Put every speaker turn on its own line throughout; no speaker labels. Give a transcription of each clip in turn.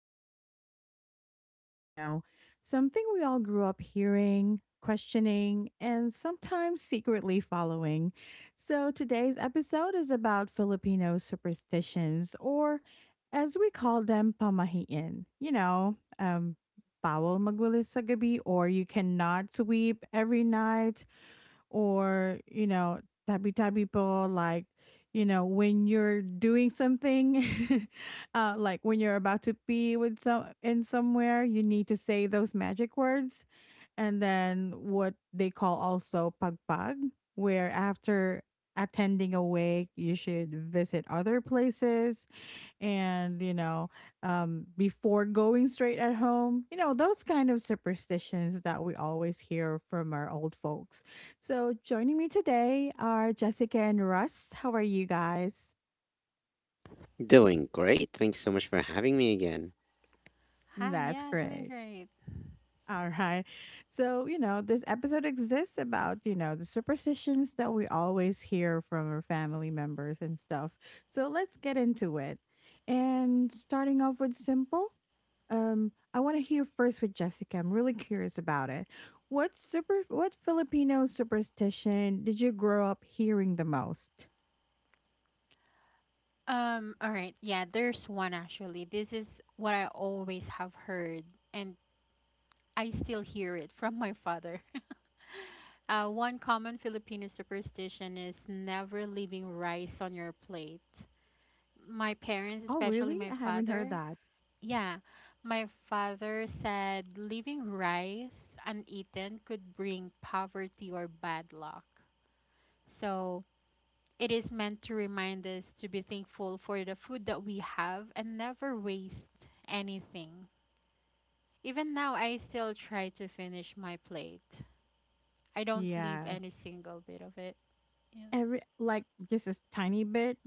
into something deeply Filipino, something we all grew up hearing, questioning, and sometimes secretly following. So today's episode is about Filipino superstitions, or as we call them, pamahiin. Bawal magulis sa gabi, or you cannot sweep every night or tabi tabi po, like when you're doing something like when you're about to pee with somewhere, you need to say those magic words. And then what they call also pagpag, where after attending a wake you should visit other places and before going straight at home. You know those kind of superstitions that we always hear from our old folks. So joining me today are Jessica and Russ. How are you guys?
Doing great. Thanks so much for having me again.
Hi,
That's
yeah, doing
great.
great.
All right. This episode exists about, the superstitions that we always hear from our family members and stuff. So let's get into it. And starting off with simple, I want to hear first with Jessica. I'm really curious about it. What Filipino superstition did you grow up hearing the most?
All right, yeah, there's one actually. This is what I always have heard, and I still hear it from my father. One common Filipino superstition is never leaving rice on your plate. My parents,
Oh,
especially
really?
my
I haven't heard
father,
that.
yeah, my father said leaving rice uneaten could bring poverty or bad luck. So, it is meant to remind us to be thankful for the food that we have and never waste anything. Even now, I still try to finish my plate. I don't leave
Yes.
any single bit of it. Yeah.
Every, like, just a tiny bit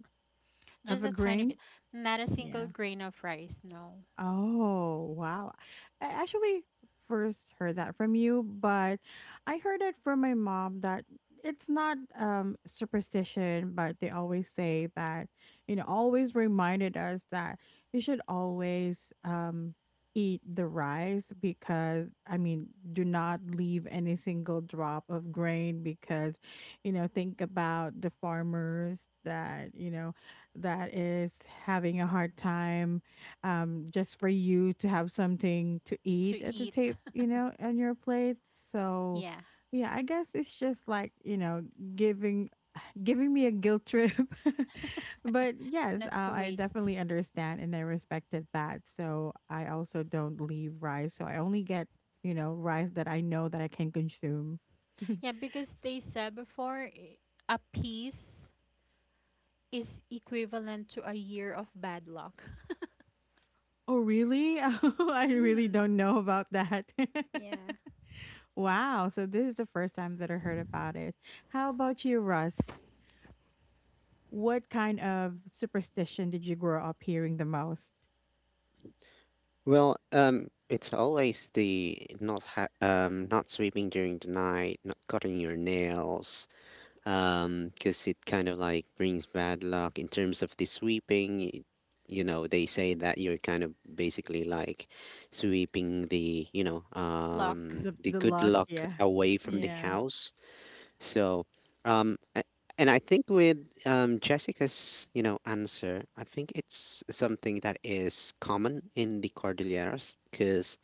of
Just
a
a tiny
grain.
bit. Not a single
Yeah.
grain of rice, no.
Oh, wow. I actually first heard that from you, but I heard it from my mom that it's not superstition, but they always say that, always reminded us that you should always eat the rice, because I mean, do not leave any single drop of grain because, think about the farmers that, that is having a hard time, just for you to have something to
To
eat at the
eat.
table, on your plate. So,
Yeah.
yeah, I guess it's just like, giving giving me a guilt trip. But yes,
Not to
I
waste.
definitely understand and I respected that. So I also don't leave rice. So I only get rice that I know that I can consume.
Yeah, because they said a piece is equivalent to a year of bad luck.
Oh, really? Oh, I really
Mm.
don't know about that.
Yeah.
Wow, so this is the first time that I heard about it. How about you, Russ? What kind of superstition did you grow up hearing the most?
Well, it's always the not sleeping during the night, not cutting your nails, because it kind of like brings bad luck in terms of the sweeping. You know, they say that you're kind of basically like sweeping the,
Luck.
The
the
the
good
luck,
luck
yeah.
away from
Mm.
the
Yeah.
house. So, um, a- and I think with Jessica's, you know, answer, I think it's something that is common in the Cordilleras because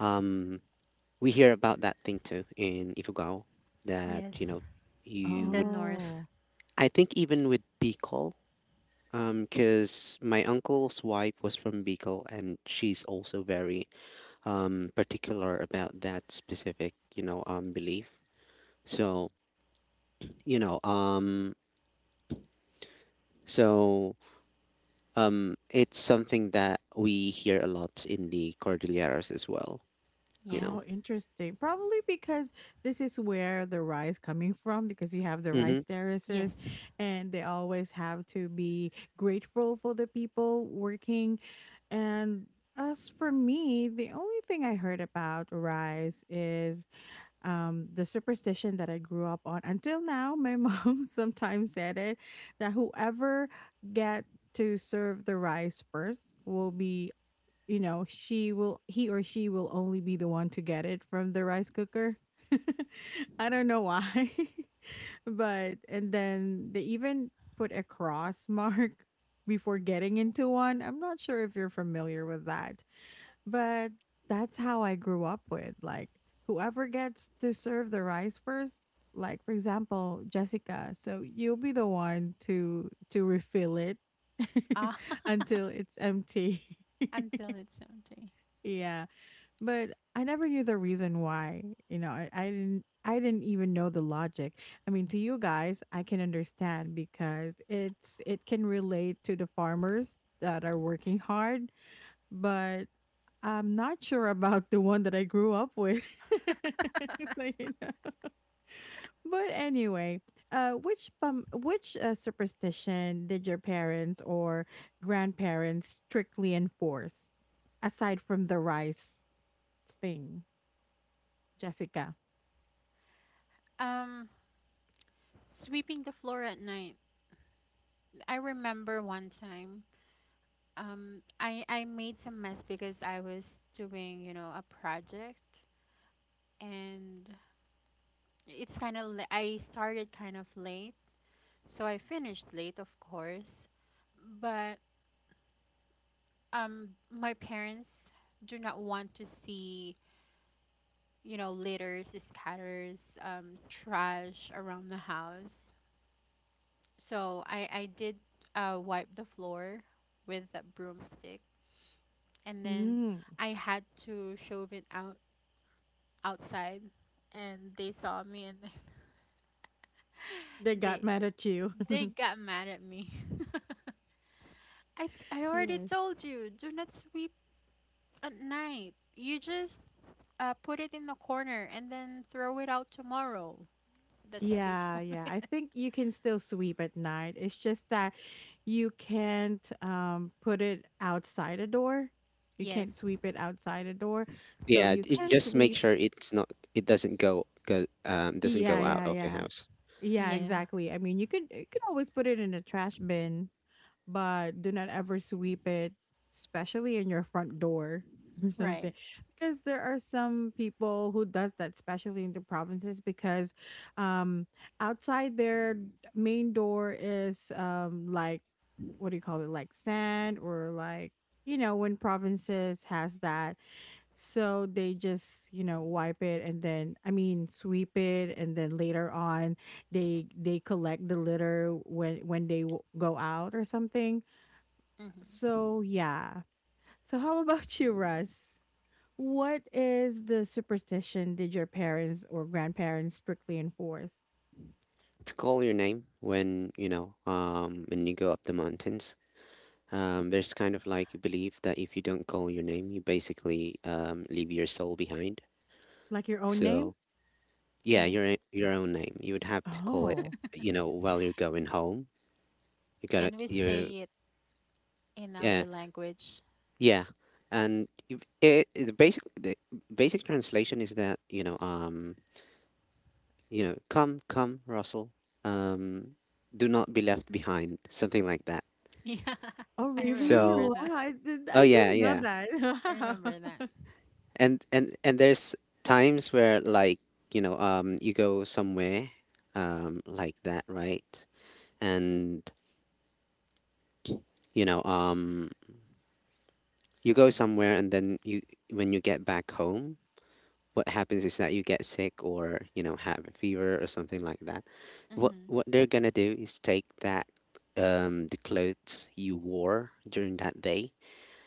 um, we hear about that thing too in Ifugao that,
Yes.
you know,
In
you
the
would,
north.
Oh.
I think even with Bicol, because my uncle's wife was from Bicol and she's also very particular about that specific, belief. So, you know, um, so it's something that we hear a lot in the Cordilleras as well, you
Yeah.
Oh,
know.
interesting. Probably because this is where the rice coming from, because you have the
Mm-hmm.
rice
Yes.
terraces and they always have to be grateful for the people working. And as for me, the only thing I heard about rice is the superstition that I grew up on until now. My mom sometimes said it, that whoever get to serve the rice first will be, she will, he or she will only be the one to get it from the rice cooker. I don't know why, but and then they even put a cross mark before getting into one. I'm not sure if you're familiar with that, but that's how I grew up with. Like, whoever gets to serve the rice first, like for example, Jessica, so you'll be the one to refill it
Ah,
until it's empty.
until it's empty.
Yeah. But I never knew the reason why. You know, I didn't even know the logic. I mean, to you guys, I can understand because it's it can relate to the farmers that are working hard, but I'm not sure about the one that I grew up with. So, you know. But anyway, which superstition did your parents or grandparents strictly enforce, aside from the rice thing, Jessica?
Um, sweeping the floor at night. I remember one time. I made some mess because I was doing a project, and it's kind of la- I started kind of late, so I finished late, of course. But my parents do not want to see litters, scatters, trash around the house. So I did wipe the floor with a broomstick, and then
Mm,
I had to shove it out outside, and they saw me and
they got
they
mad at you.
they got mad at me. I already
Yes.
told you, do not sweep at night. You just put it in the corner and then throw it out tomorrow. That's what they
Yeah,
told
yeah.
me.
I think you can still sweep at night. It's just that you can't put it outside a door. You
Yes.
can't sweep it outside a door. So
Yeah,
you can
just make
sweep.
sure it's not it doesn't go go doesn't
Yeah,
go out
yeah,
of the
yeah.
house.
Yeah,
Yeah.
exactly. I mean, you could always put it in a trash bin, but do not ever sweep it, especially in your front door or something.
Right.
Because there are some people who does that, especially in the provinces, because um, outside their main door is like, what do you call it, like sand or like, when provinces has that, so they just wipe it and then I mean sweep it, and then later on they collect the litter when they go out or something.
Hmm.
So, yeah. So, how about you, Russ? What is the superstition did your parents or grandparents strictly enforce?
To call your name when, when you go up the mountains. There's kind of like a belief that if you don't call your name, you basically leave your soul behind.
Like your own name?
So, yeah,
Yeah.
your own name. You would have to call it,
Oh.
you know, while you're going home. You gotta
Can we
you
say it in
yeah.
our language?
Yeah, and if it, the basic translation is that you know come Russell, um, do not be left behind, something like that.
Yeah,
Oh,
I
really?
remember
So
Wow.
that.
I
oh yeah
didn't know
yeah.
I
that.
remember that.
And there's times where like, you know, um, you go somewhere, um, like that, right? And, you know, um, you go somewhere and then you, when you get back home, what happens is that you get sick or, you know, have a fever or something like that. What
Mm-hmm.
they're gonna do is take that, um, the clothes you wore during that day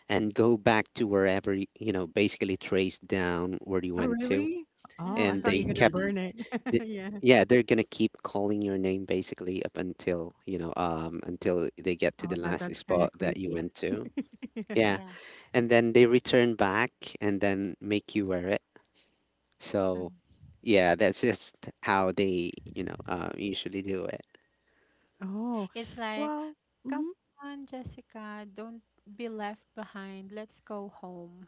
and go back to wherever you know, basically trace down where you
Oh,
went to
really? Oh, I
and
thought
Mm.
they
you were going to
kept
burn it.
the,
Yeah.
yeah, they're gonna keep calling your name basically up until, you know, um, until they get
Oh,
to the
my God.
last
That's kind
spot
of
that you
creepy.
went to.
Yeah.
Yeah,
Yeah.
and then they return back and then make you wear it so,
Mm.
yeah, that's just how they, you know, usually do it.
Oh,
It's like,
well,
come
mhm.
on, Jessica, don't be left behind. Let's go home.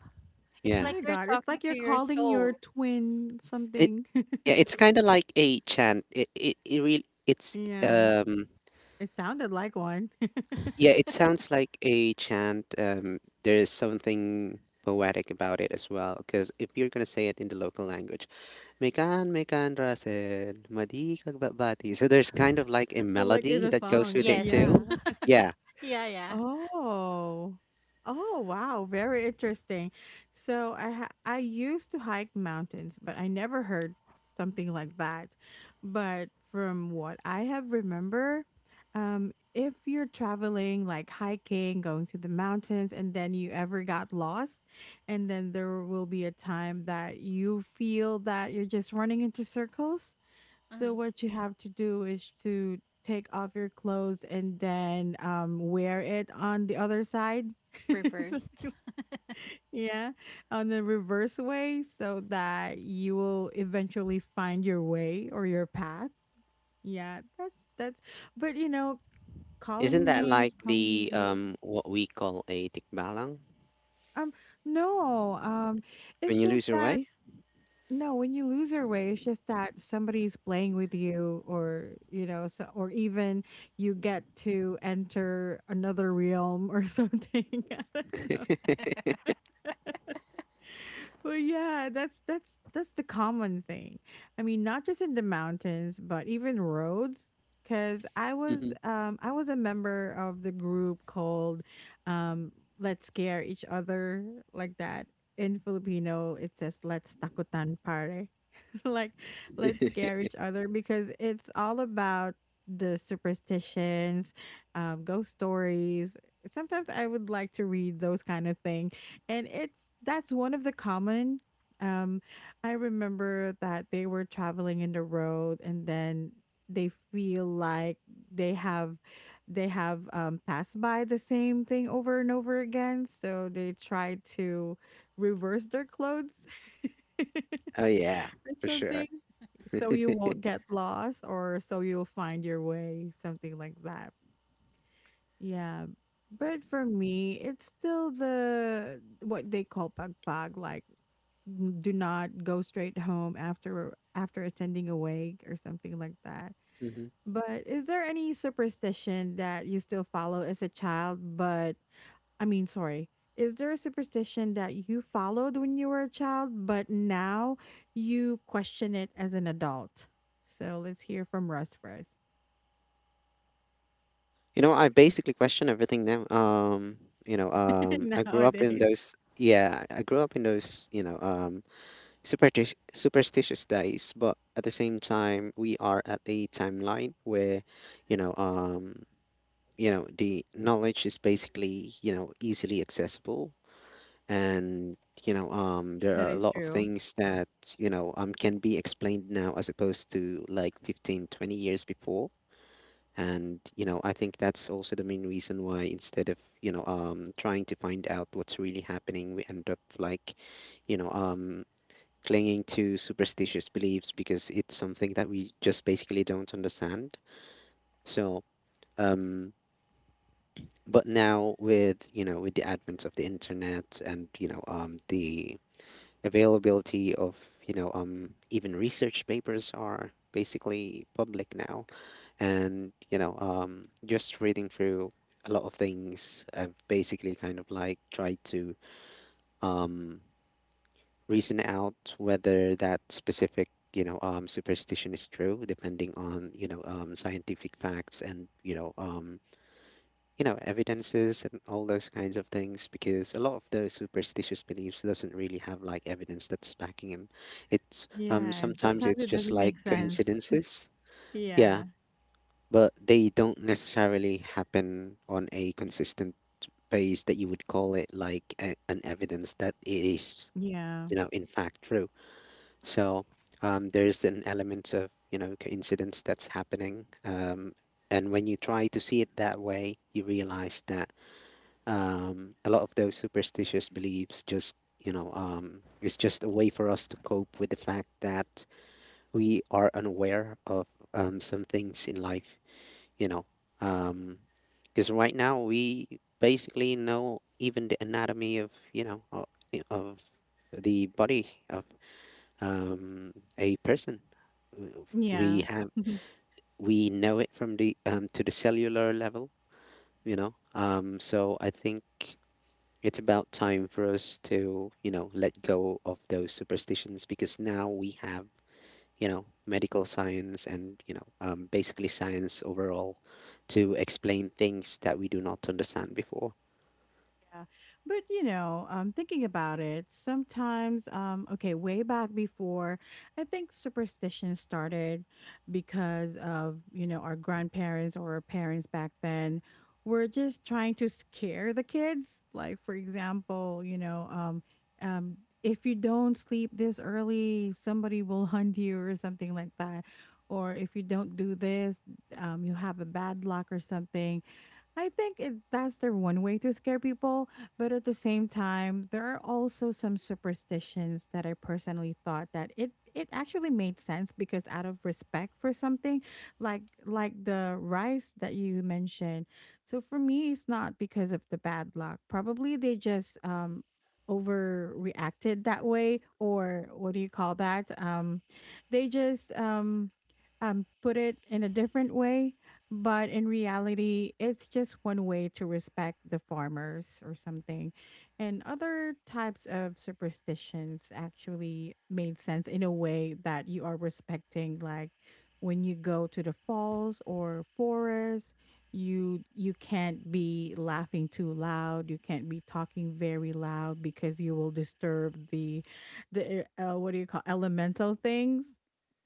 It's
Oh,
Yeah,
like
my
you're
God. It's
talking
like you're
to your
calling your
soul.
twin
it
something.
yeah, it's kind of like a chant. It really it's
Yeah. It sounded like one.
yeah, it sounds like a chant. There is something poetic about it as well. Because if you're gonna say it in the local language, mekan mekan rasen madi kagbabati. So there's kind of like a
Like in
melody
the
that goes
song.
with it
Yes.
Yeah.
too. Yeah,
Yeah, yeah.
Oh. Oh, wow. Very interesting. So I used to hike mountains, but I never heard something like that. But from what I have remember, if you're traveling, like hiking, going to the mountains, and then you ever got lost, and then there will be a time that you feel that you're just running into circles. So
Mm.
what you have to do is to take off your clothes and then wear it on the other side. So,
Reversed.
yeah, on the reverse way, so that you will eventually find your way or your path. Yeah, that's but you know,
isn't
calling
that like
names, calling
the
your name.
what we call a tikbalang
um no, it's
when you
just
lose your
that,
way?
no, when you lose your way, it's just that somebody's playing with you, or you know, so, or even you get to enter another realm or something. I don't know. Well, yeah, that's the common thing. I mean, not just in the mountains, but even roads. Because
Mhm.
I was a member of the group called um Let's Scare Each Other, like that. In Filipino, it says Let's Takutan Pare. Like, let's scare each other, because it's all about the superstitions, ghost stories. Sometimes I would like to read those kind of things, and it's that's one of the common um I remember that they were traveling in the road, and then they feel like they have they have passed by the same thing over and over again, so they try to reverse their clothes or
Oh yeah, for sure.
something, so you won't get lost or so you'll find your way, something like that. Yeah, but for me, it's still the what they call pagpag, like, do not go straight home after after attending a wake or something like that.
Hmm.
But is there any superstition that you still follow as a child? But I mean, sorry, is there a superstition that you followed when you were a child, but now you question it as an adult? So let's hear from Russ first.
You know, I basically question everything now. You know, I grew up in
Nowadays,
those. Yeah, I grew up in those. You know, superstitious days. But at the same time, we are at a timeline where, you know, um, you know, the knowledge is basically, you know, easily accessible. And, you know, um, there
that
are a
is
lot of
true.
things that, you know, um, can be explained now as opposed to like 15, 20 years before. And, you know, I think that's also the main reason why instead of, you know, um, trying to find out what's really happening, we end up like, you know, um, clinging to superstitious beliefs because it's something that we just basically don't understand. so um but now with, you know, with the advent of the internet and, you know, um, the availability of, you know, um, even research papers are basically public now. And, you know, um, just reading through a lot of things, I've basically kind of like tried to, um, reason out whether that specific, you know, um, superstition is true depending on, you know, um, scientific facts and, you know, um, you know, evidences and all those kinds of things because a lot of those superstitious beliefs doesn't really have like evidence that's backing them. It's um,
Yeah, and
sometimes
sometimes
it's
it
just
doesn't
like
make sense.
coincidences. Yeah,
Yeah.
but they don't necessarily happen on a consistent base that you would call it like an evidence that it is,
Yeah.
you know, in fact true. So um, there's an element of, you know, coincidence that's happening, um, and when you try to see it that way you realize that a lot of those superstitious beliefs just, you know, it's just a way for us to cope with the fact that we are unaware of some things in life, you know. Because right now we basically know even the anatomy of, you know, of the body of um, a person. We
Yeah.
have we know it from the to the cellular level, you know. So I think it's about time for us to, you know, let go of those superstitions because now we have, you know, medical science and, you know, basically science overall to explain things that we do not understand before.
Yeah. But you know, thinking about it, sometimes, okay, way back before, I think superstition started because of, our grandparents or our parents back then were just trying to scare the kids. Like, for example, um, if you don't sleep this early, somebody will hunt you or something like that. Or if you don't do this, you have a bad luck or something. I think it, that's their one way to scare people, but at the same time, there are also some superstitions that I personally thought that it actually made sense, because out of respect for something, like the rice that you mentioned. So for me, it's not because of the bad luck. Probably they just overreacted that way, or what do you call that? They just put it in a different way, but in reality, it's just one way to respect the farmers or something. And other types of superstitions actually made sense in a way that you are respecting, like when you go to the falls or forest, you can't be laughing too loud, you can't be talking very loud because you will disturb the what do you call elemental things?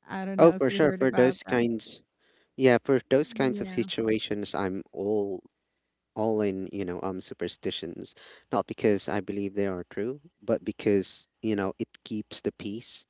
I don't
Oh,
know if
for
you
sure.
heard
For
about
those
them.
kinds, yeah, for those kinds of
Yeah.
situations, I'm all in, you know, superstitions. Not because I believe they are true, but because, you know, it keeps the peace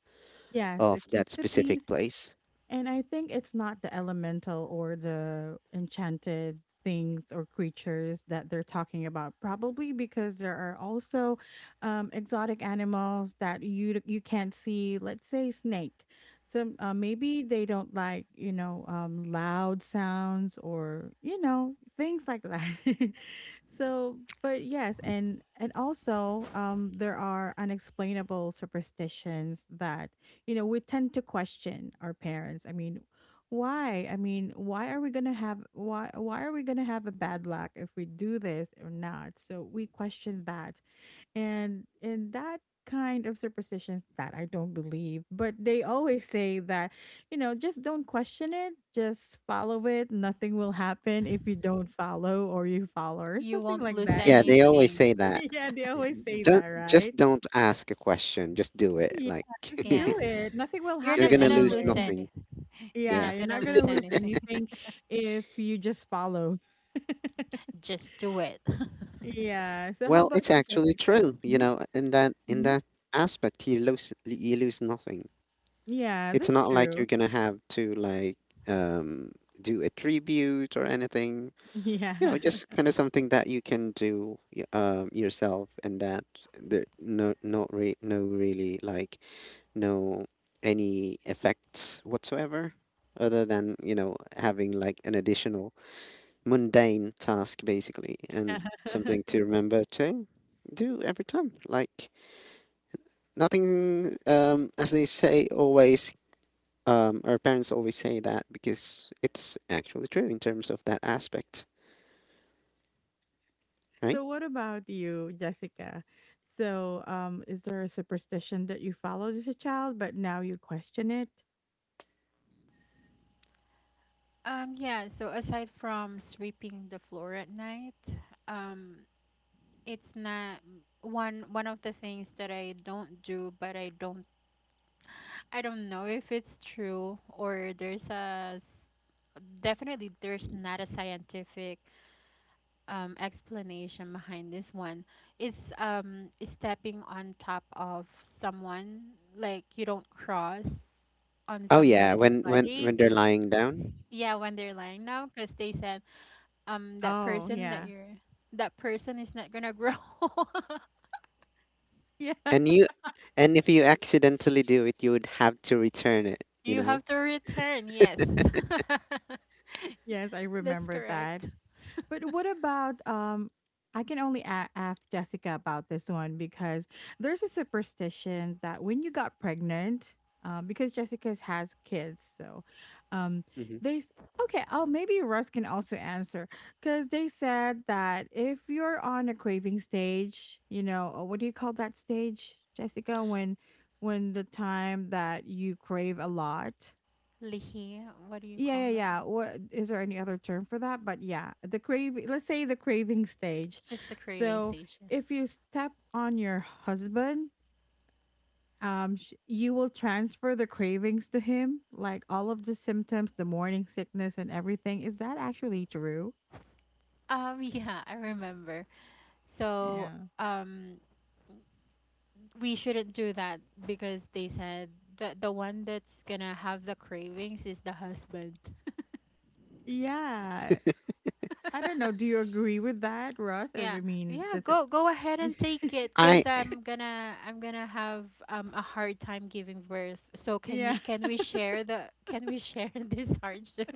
Yes,
of
it
that
keeps the
specific
peace.
place.
And I think it's not the elemental or the enchanted things or creatures that they're talking about, probably because there are also exotic animals that you you can't see. Let's say snake. Some maybe they don't like, you know, loud sounds or you know things like that. So, but yes, and also there are unexplainable superstitions that you know, we tend to question our parents. I mean, why? I mean, why are we gonna have why are we gonna have a bad luck if we do this or not? So we question that. And in that kind of superstition that I don't believe, but they always say that, you know, just don't question it, just follow it. Nothing will happen if you don't follow or you follow or
You
something
won't
like
lose
that.
Yeah, they always say
anything.
that.
Yeah, they always say
Don't
that, right?
Just don't ask a question, just do it.
Yeah,
Like
just
Yeah.
do it. Nothing will
You're
you're
not
happen
gonna
gonna
lose
lose
anyway.
nothing.
anything. You're
Yeah,
Yeah.
not
you're
gonna
not
lose
gonna lose
anything.
anything if you just follow.
Just do it.
Yeah, so how
Well, it's
about you,
actually
Jessica?
true, you
Mhm,
know, in
mhm.
that aspect you lose nothing.
Yeah,
It's
that's
not like you're
true.
gonna have to like um do a tribute or anything.
Yeah.
You know, just kind of something that you can do yourself and that there no not re no really like no any effects whatsoever other than, you know, having like an additional mundane task basically and something
Yeah.
to remember to do every time. Like nothing, um, as they say always, um, our parents always say that because it's actually true in terms of that aspect right.
So what about you, Jessica? So, is there a superstition that you followed as a child, but now you question it?
Yeah, so aside from sweeping the floor at night, um, it's not one of the things that I don't do, but I don't know if it's true or definitely there's not a scientific explanation behind this one. It's stepping on top of someone like you don't cross on
Oh yeah,
somebody's
when when
body
when they're
because
lying down.
yeah when they're lying now because they said um that
Oh,
person that
yeah.
you're that person is not gonna grow.
Yeah.
and you and if you accidentally do it you would have to return it you
You
know.
have to return, yes.
Yes, I
That's
remember that.
correct.
But what about I can only ask Jessica about this one because there's a superstition that when you got pregnant, because Jessica's has kids, so um
Hmm.
they s- okay, oh maybe Russ can also answer because they said that if you're on a craving stage, you know, what do you call that stage, Jessica, when the time that you crave a lot?
Lihi, what do you
yeah, yeah,
call it?
yeah. What is there any other term for that? But yeah, the craving, let's say the craving stage.
Just a craving
So
station.
if you step on your husband, you will transfer the cravings to him, like all of the symptoms, the morning sickness, and everything. Is that actually true?
Yeah, I remember. So,
Yeah.
um, we shouldn't do that because they said that the one that's gonna have the cravings is the husband.
Yeah. I don't know. Do you agree with that, Russ? I
Yeah,
mean,
yeah,
does
go
it?
go ahead and take it 'cause
I
I'm gonna have a hard time giving birth. So
Yeah.
can we share this hardship?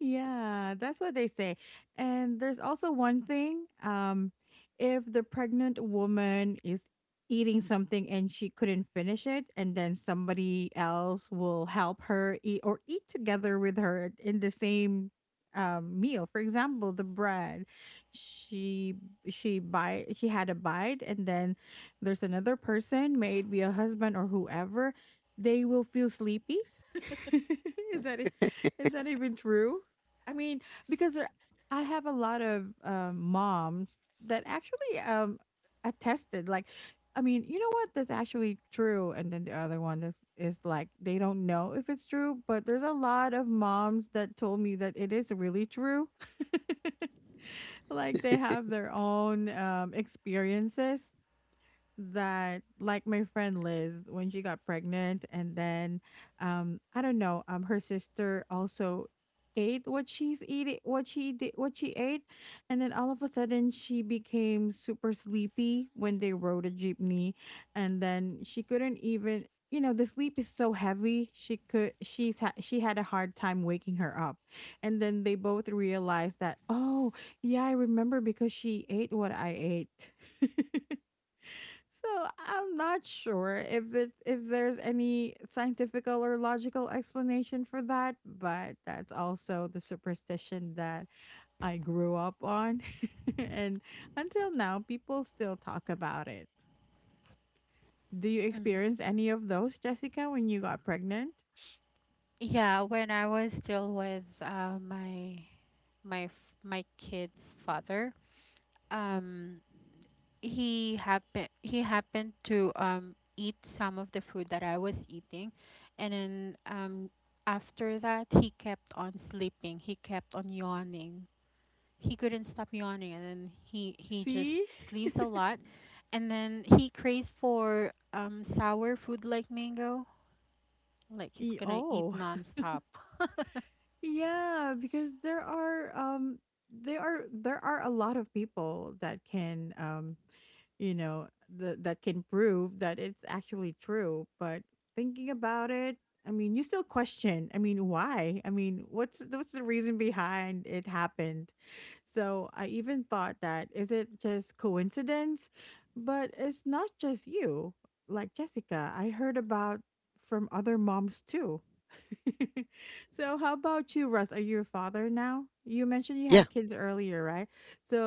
Yeah, that's what they say. And there's also one thing, if the pregnant woman is eating something and she couldn't finish it, and then somebody else will help her eat or eat together with her in the same meal. For example, the bread. She she bite she had a bite and then there's another person, maybe a husband or whoever, they will feel sleepy. is that e- is that even true? I mean, because I have a lot of moms that actually attested, like, I mean, you know what? That's actually true. And then the other one is like, they don't know if it's true, but there's a lot of moms that told me that it is really true. Like, they have their own experiences that like my friend Liz when she got pregnant and then I don't know her sister also ate what she's eating what she ate, and then all of a sudden she became super sleepy when they rode a jeepney. And then she couldn't even, you know, the sleep is so heavy she's she had a hard time waking her up. And then they both realized that, oh yeah, I remember because she ate what I ate. So I'm not sure if if there's any scientific or logical explanation for that, but that's also the superstition that I grew up on, and until now, people still talk about it. Do you experience any of those, Jessica, when you got pregnant?
Yeah, when I was still with my kid's father, um, he happened to eat some of the food that I was eating, and then after that he kept on sleeping. He kept on yawning. He couldn't stop yawning, and then he just
See.
sleeps a lot, and then he craves for sour food like mango. Like he's gonna eat
Oh.
nonstop.
Yeah, because there are there are a lot of people that can you know, that can prove that it's actually true. But thinking about it, I mean, you still question. I mean, why? I mean, what's the reason behind it happened? So I even thought, that is it just coincidence? But it's not just you. Like Jessica, I heard about from other moms too. So how about you, Russ? Are you a father now? You mentioned you
Yeah,
had kids earlier, right?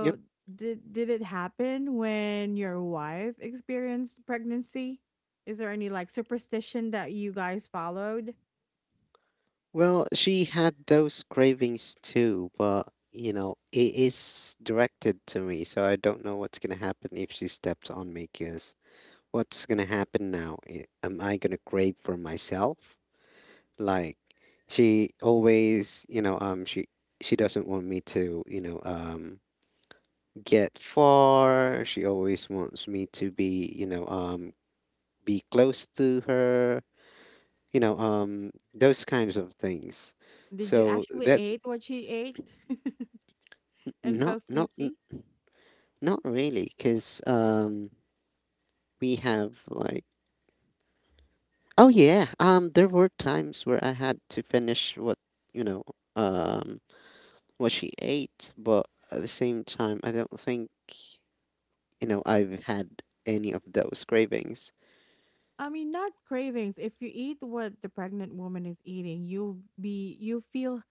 yep.
did it happen when your wife experienced pregnancy? Is there any like superstition that you guys followed?
Well, she had those cravings too, but you know, it is directed to me, so I don't know what's gonna happen if she steps on me. Cause what's gonna happen now? I- Am I gonna crave for myself? Like she always, you know, she doesn't want me to, you know, get far. She always wants me to be, you know, be close to her. You know, those kinds of things.
Did you
So
actually
that's
ate what she ate and
not
fell
not n-
sleepy?
not really, because we have like oh yeah, there were times where I had to finish what, you know, um, what she ate, but at the same time, I don't think, you know, I've had any of those cravings.
I mean, not cravings. If you eat what the pregnant woman is eating, you'll be you feel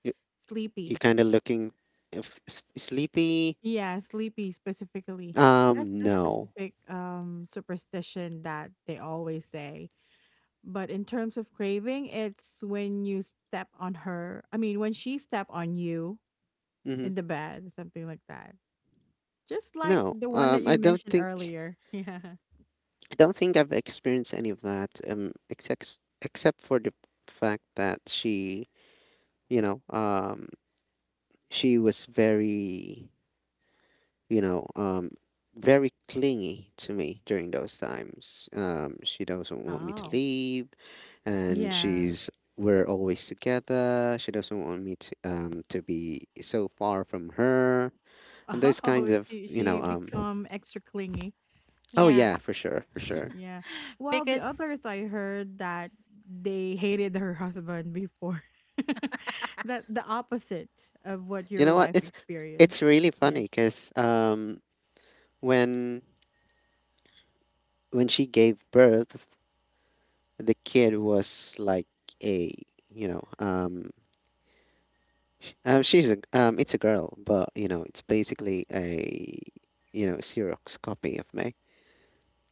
You
sleepy.
kind of looking if s- sleepy
Yeah, sleepy specifically. That's the
no.
specific superstition that they always say. But in terms of craving, it's when you step on her. I mean, when she step on you
Hmm.
in the bed, something like that. Just like
No
the one that
um,
you mentioned earlier. Yeah.
I don't think I've experienced any of that except for the fact that she, you know, um, she was very, you know, um, very clingy to me during those times she doesn't want me to
Oh.
leave and
Yeah.
she's we're always together she doesn't want me to be so far from her
Oh,
and those kinds of you
she
know um
become extra clingy.
oh
Yeah,
yeah for sure
Yeah. While the
because
others I heard that they hated her husband before. That the opposite of what
you
your
know what,
wife
it's
experienced.
it's really
Yeah.
funny because um, when she gave birth the kid was like a, you know, she's a um, it's a girl but you know it's basically a, you know, xerox copy of me,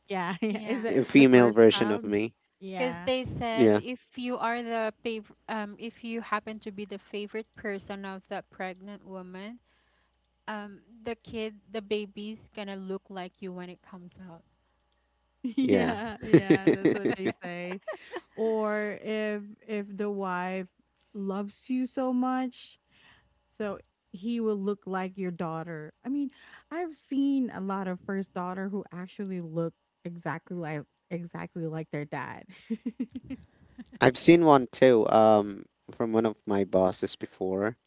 Yeah. Yeah.
Yeah,
Is
a
it the
female
first
version of
child?
me.
Yeah.
they said
Yeah
if you are the fav if you happen to be the favorite person of that pregnant woman, the baby's gonna look like you when it comes out.
yeah.
Yeah, yeah, that's what they say. Or if the wife loves you so much, so he will look like your daughter. I mean, I've seen a lot of first daughter who actually look exactly like exactly like their dad.
I've
Like
seen one too, um, from one of my bosses before.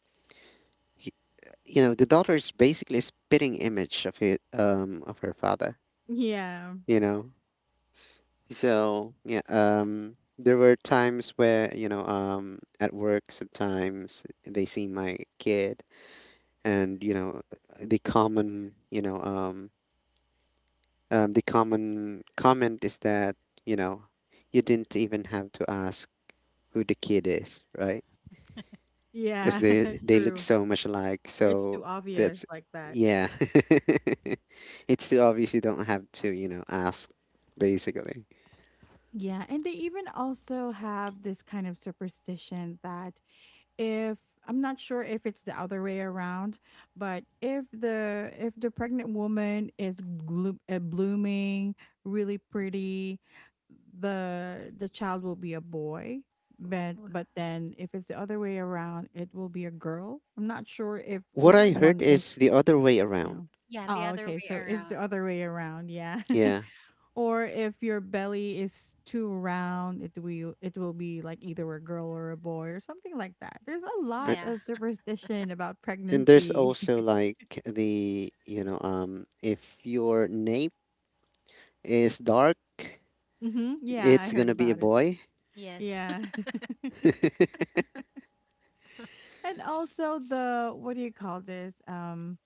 You know the daughter is basically a spitting image of it of her father,
yeah.
you know. So yeah, um, there were times where, you know, um, at work sometimes they see my kid and, you know, the common, you know, the common comment is that, you know, you didn't even have to ask who the kid is right because
Yeah,
they look
true.
so much alike.
It's
So
too obvious
that's
like that.
Yeah. It's too obvious. You don't have to, you know, ask. Basically,
Yeah, and they even also have this kind of superstition that if I'm not sure if it's the other way around, but if the pregnant woman is blooming, really pretty, the child will be a boy. But
Wh-
then if it's the other way around, it will be a girl. I'm not sure if
what
which
I
I,
heard
one is.
is the other way
You
around.
know.
yeah, the
Oh,
other
okay.
way
So it's the
around.
other way around. Yeah.
Yeah.
Or if your belly is too round, it will be like either a girl or a boy or something like that. There's a
Or-
lot
Yeah,
of superstition about
And there's
pregnancy.
also like the, you know, um, if your nape is dark,
Hmm, yeah, I
it's
heard
gonna be a
about it too.
boy.
yes.
Yeah. And also the, what do you call this,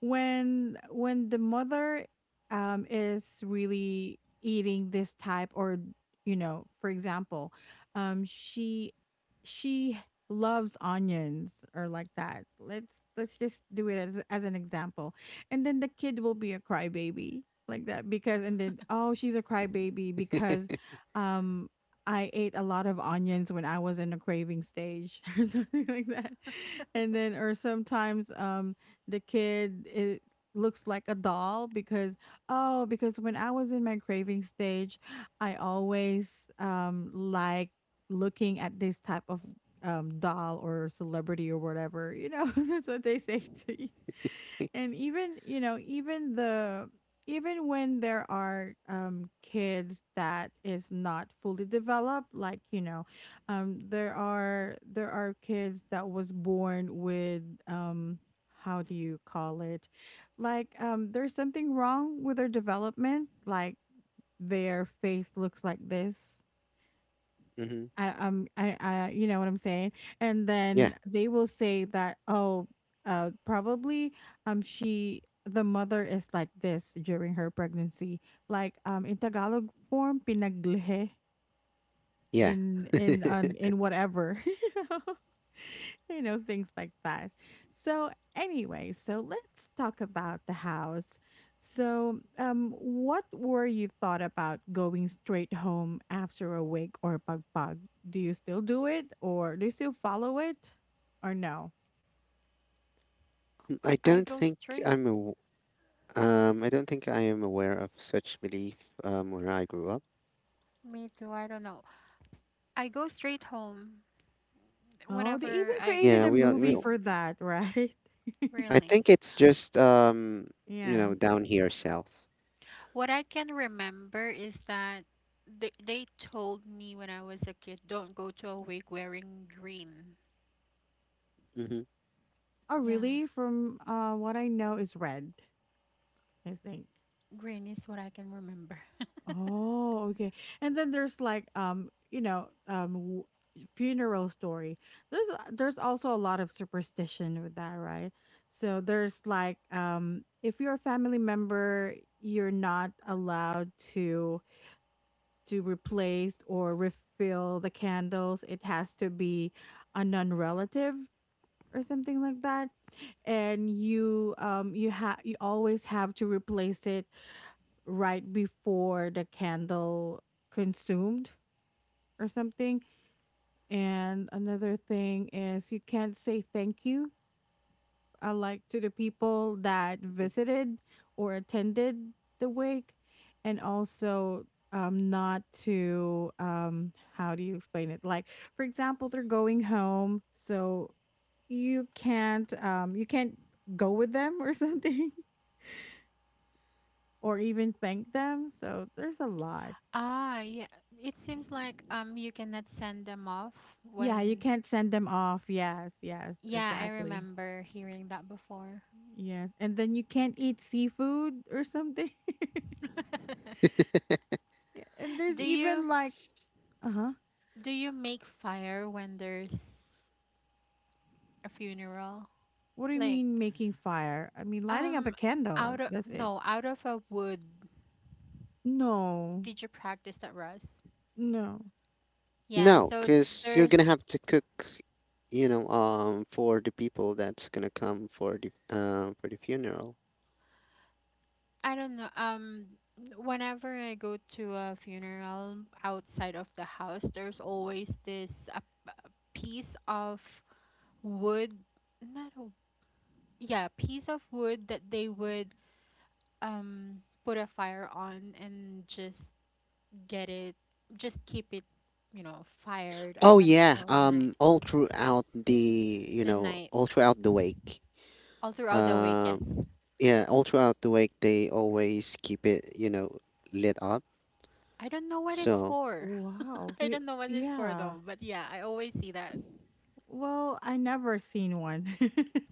when the mother is really eating this type or you know, for example, um she she loves onions or like that. Let's just do it as an example. And then the kid will be a crybaby, like that, because and then, oh, she's a crybaby because um I ate a lot of onions when I was in a craving stage, or something like that. And then, or sometimes the kid it looks like a doll because, oh, because when I was in my craving stage, I always like looking at this type of doll or celebrity or whatever, you know. That's what they say to you. And even, you know, even the even when there are kids that is not fully developed, like, you know, there are kids that was born with how do you call it? Like there's something wrong with their development, like their face looks like this.
Hmm.
I, you know what I'm saying? And
Yeah,
then they will say that, oh, probably, the mother is like this during her pregnancy, like, in Tagalog form, pinaglihe
yeah.
in whatever. You know, you know, things like that. So anyway, so let's talk about the house. So what were you thought about going straight home after a wig or bug bug? Do you still do it or do you still follow it or no?
I
I
don't
go
think
straight.
I'm aw- I don't think I am aware of such belief where I grew up.
Me too. I don't know. I go straight home
Oh, they even
whenever I
created
Yeah,
go
a
we are.
from
movie for
work.
that, right?
I
Really?
think it's just you
Yeah.
know, down here south.
What I can remember is that they told me when I was a kid, don't go to a wig wearing green.
Hmm.
Oh
Yeah,
really? From what I know is red, I think.
green is what I can remember.
Oh, okay. And then there's like you know, funeral story. There's there's also a lot of superstition with that, right? So there's like if you're a family member, you're not allowed to replace or refill the candles. It has to be a non-relative or something like that. And you you have you always have to replace it right before the candle consumed or something. And another thing is you can't say thank you, like to the people that visited or attended the wake. And also not to, how do you explain it, like for example, they're going home, so you can't go with them or something, or even thank them. So there's a lot.
Ah, yeah. It seems like you cannot send them off
Yeah, you
when
can't send them off. Yes, yes,
yeah, I
exactly.
remember hearing that before.
Yes. And then you can't eat seafood or something. Yeah, and there's
Do you
even like, uh-huh.
do you make fire when there's a funeral?
What do you
Like
mean making fire? I mean lighting up a
um
candle.
out of
That's it.
no, out of a wood.
No.
Did you practice that, Russ?
No.
Yeah,
No,
so
because you're gonna
there's
have to cook, you know, for the people that's gonna come for the funeral.
I don't know, whenever I go to a funeral outside of the house, there's always this a piece of wood, not a, yeah, piece of wood that they would put a fire on and get it just keep it, fired
Oh yeah,
until night,
um, all throughout the
the night
wake,
all throughout the week, yes.
um, yeah, all throughout the wake they always keep it lit up.
I don't know what it's
So.
for.
Wow.
I don't know what it's for
Yeah.
though, but yeah, I always see that.
Well, I never seen one.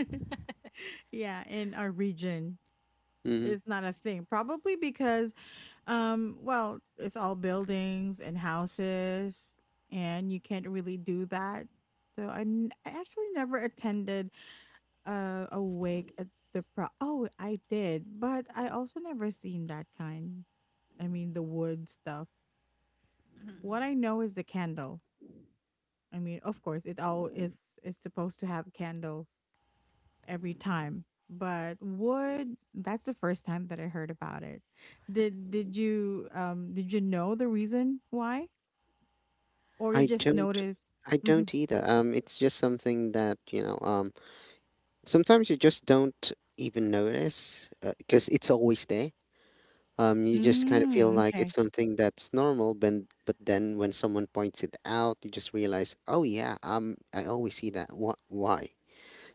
Yeah, in our region.
Mhm.
It's not a thing. Probably because, well, it's all buildings and houses, and you can't really do that. So I, I actually never attended a wake at the pro. Oh, I did, but I also never seen that kind. I mean, the wood stuff. What I know is the candle. I mean, of course, it all is. It's supposed to have candles every time. But wood, that's the first time that I heard about it. Did you did you know the reason why? Or you
I
just
don't,
noticed?
I
Mhm.
don't either. It's just something that. Sometimes you just don't even notice because it's always there. You just kind of feel
Mm,
like it's
okay.
something that's normal, but then when someone points it out, you just realize, oh yeah, I always see that. What? Why?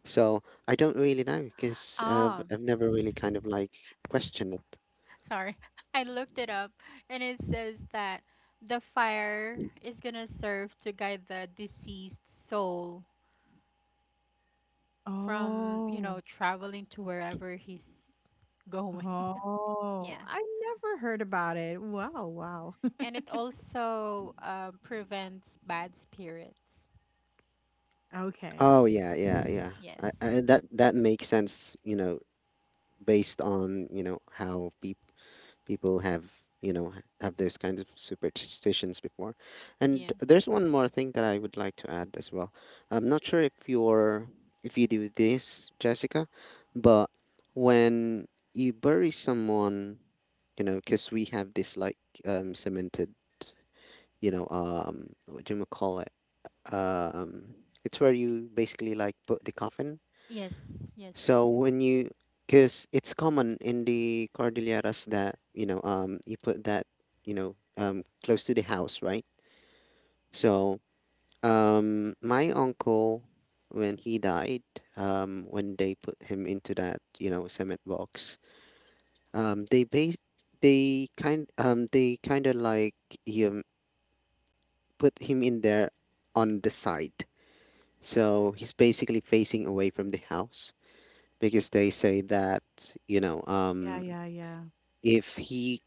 So I don't really know because I've
Oh,
I've never really kind of like questioned it.
sorry. I looked it up and it says that the fire is gonna serve to guide the deceased soul from,
Oh.
traveling to wherever he's going.
Oh.
Yeah.
I never heard about it. Wow, wow.
And it also prevents bad spirits.
Okay.
Oh yeah, yeah, yeah.
Yes.
That makes sense, you know, based on how people people have you know have those kinds of superstitions before, and
Yeah.
there's one more thing that I would like to add as well. I'm not sure if you do this, Jessica, but when you bury someone, you know, because we have this, like, cemented, you know, what do you call it um it's where you basically, like, put the coffin.
Yes. Yes.
So when you, because it's common in the Cordilleras that, you know, you put that, you know, close to the house, right? So, my uncle, when he died, when they put him into that, you know, cement box, um, they base, they kind of, like, um, put him in there on the side. So he's basically facing away from the house because they say that, you know,
Yeah, yeah, yeah.
if he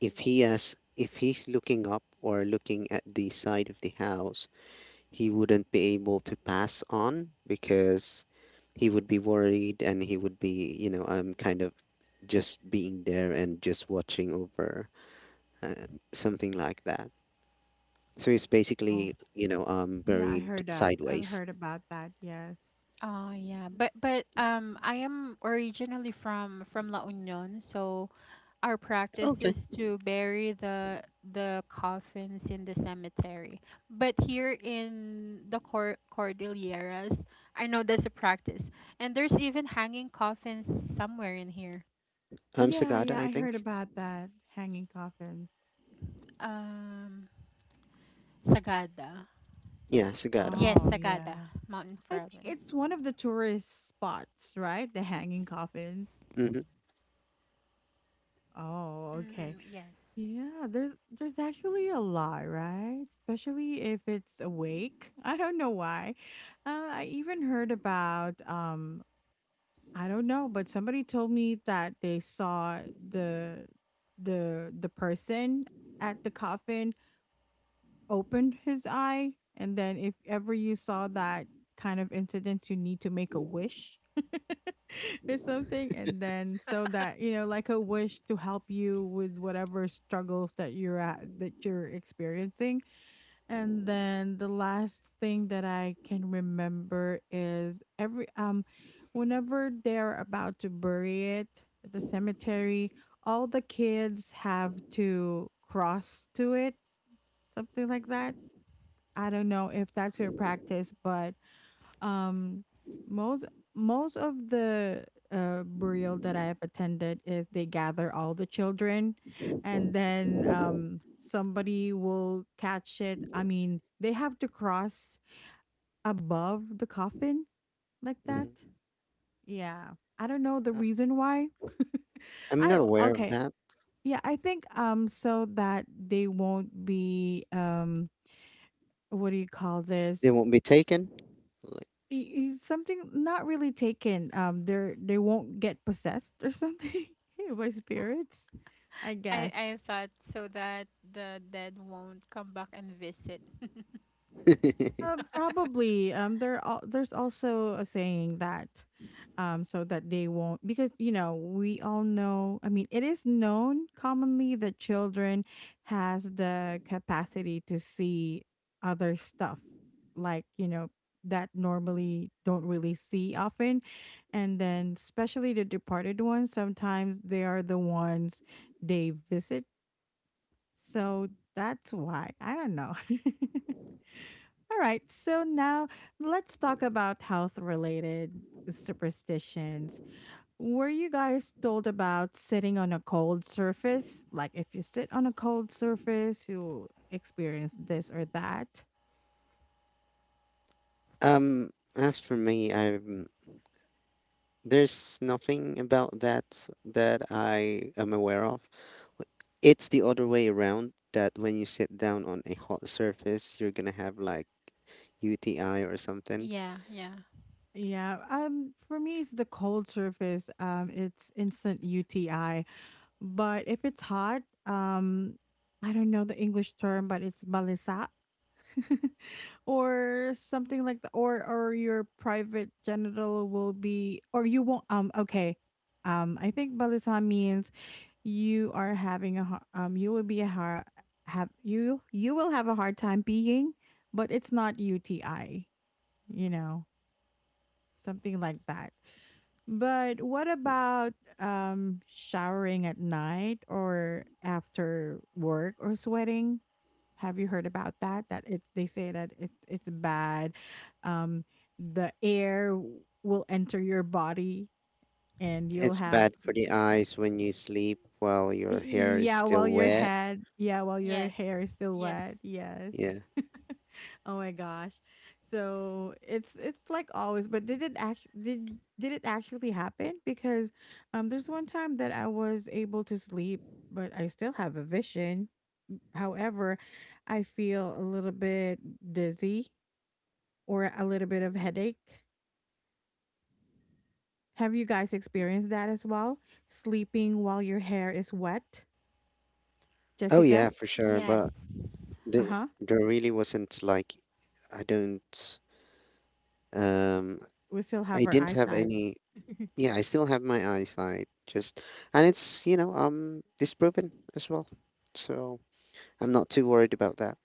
if he has if he's looking up or looking at the side of the house, he wouldn't be able to pass on because he would be worried and he would be, you know, kind of just being there and just watching over, uh, something like that. So he's
Oh.
basically, you know,
Yeah, I
buried
heard that. I've
sideways.
heard about that. Yes.
Oh yeah, but I am originally from La Union, so our practice
Okay.
is to bury the coffins in the cemetery. But here in the Cordilleras, I know that's a practice. And there's even hanging coffins somewhere in here.
Yeah,
Sagada,
yeah,
I
I heard
think.
about that. Hanging coffins.
Um, Sagada.
Yeah, Sagada.
Yes,
Oh,
Sagada,
yeah.
Mountain
I think
Province.
it's one of the tourist spots, right? The Hanging Coffins.
Mm-hmm.
Oh, okay.
Mm, yes.
Yeah, there's actually a lot, right? Especially if it's awake. I don't know why. I even heard about I don't know, but somebody told me that they saw the the person at the coffin opened his eye. And then if ever you saw that kind of incident, you need to make a wish or something. And then so that, like a wish to help you with whatever struggles that you're at, that you're experiencing. And then the last thing that I can remember is whenever they're about to bury it at the cemetery, all the kids have to cross to it, something like that. I don't know if that's your practice, but um, most most of the burial that I have attended is they gather all the children, and then somebody will catch it. I mean, they have to cross above the coffin like that.
Hmm.
Yeah, I don't know the reason why.
I'm not
I
aware of
okay.
that.
Yeah, I think so that they won't be what do you call this
They won't be taken.
something not really taken. They won't get possessed or something by spirits, I
I,
guess.
I thought so that the dead won't come back and visit.
Like.
Probably. There's also a saying that, so that they won't because you know we all know. I mean, it is known commonly that children has the capacity to see other stuff, like you know that normally don't really see often, and then especially the departed ones. Sometimes they are the ones they visit, so that's why I don't know. All right. So now let's talk about health related superstitions. Were you guys told about sitting on a cold surface? Like if you sit on a cold surface, you experience this or that?
As for me, I'm there's nothing about that that I am aware of. W- It's the other way around, that when you sit down on a hot surface, you're gonna have like UTI or something.
Yeah, yeah.
Yeah, for me, it's the cold surface. It's instant UTI. But if it's hot, I don't know the English term, but it's balisa or something like that. Or your private genital will be, or you won't. Okay. I think balisa means you are having a you will be a hard have you will have a hard time peeing, but it's not UTI. You know something like that. But what about showering at night or after work or sweating? Have you heard about that? That it's they say that it's bad. Um, the will enter your body and you'll
It's
have
bad for the eyes when you sleep while your hair is
yeah while
still
your
wet.
head yeah while your
Yes,
hair is still
yes,
wet. Yes.
Yeah.
Oh my gosh. So it's like always, but did it actually happen? Because there's one time that I was able to sleep, but I still have a vision. However, I feel a little bit dizzy or a little bit of headache. Have you guys experienced that as well? Sleeping while your hair is wet?
Oh yeah,
Jessica?
for sure.
yes.
But there,
Uh-huh.
there really wasn't like, I don't, um,
We still
I
have our
didn't have
eyesight.
any. Yeah, I still have my eyesight. Just, and it's, you know, disproven as well, so I'm not too worried about that.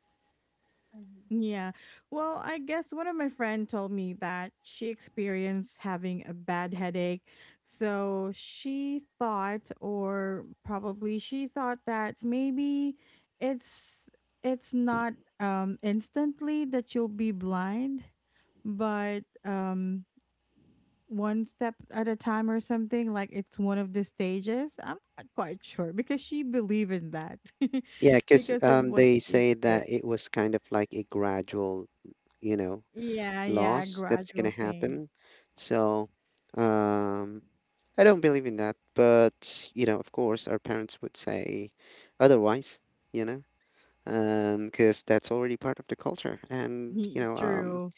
Mhm.
Yeah. Well, I guess one of my friend told me that she experienced having a bad headache. So she thought or probably she thought that maybe it's it's not instantly that you'll be blind, but one step at a time or something like it's one of the stages. I'm not quite sure because she believed in that
Yeah, because
because of what
they
she
say
experienced.
that it was kind of like a gradual, you know,
Yeah, yeah,
loss that's gonna
gradual thing.
happen. So, um I don't believe in that, but, you know, of course our parents would say otherwise. You know, because that's already part of the culture, and, you
Ye-
know,
True.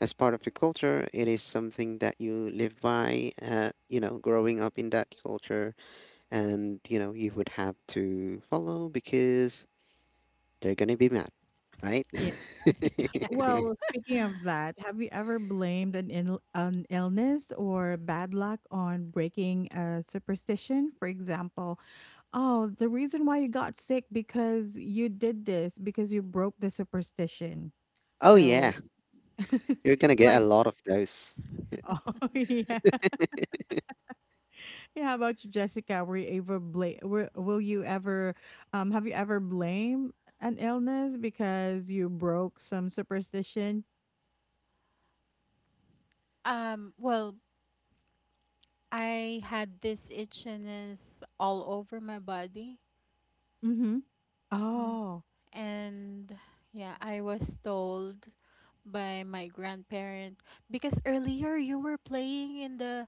as part of the culture, it is something that you live by, you know, growing up in that culture, and, you know, you would have to follow because they're gonna be mad, right?
Yeah. Well, speaking of that, have you ever blamed an illness or bad luck on breaking a superstition? For example, oh, the reason why you got sick because you did this because you broke the superstition.
Oh
So,
yeah, you're gonna get
like,
a lot of those.
oh yeah. Yeah, how about you, Jessica? Were you ever blame? Will you ever, have you ever blamed an illness because you broke some superstition?
Well, I had this itchiness all over my body.
Mm-hmm.
Mm.
Oh,
And yeah, I was told by my grandparent because earlier you were playing in the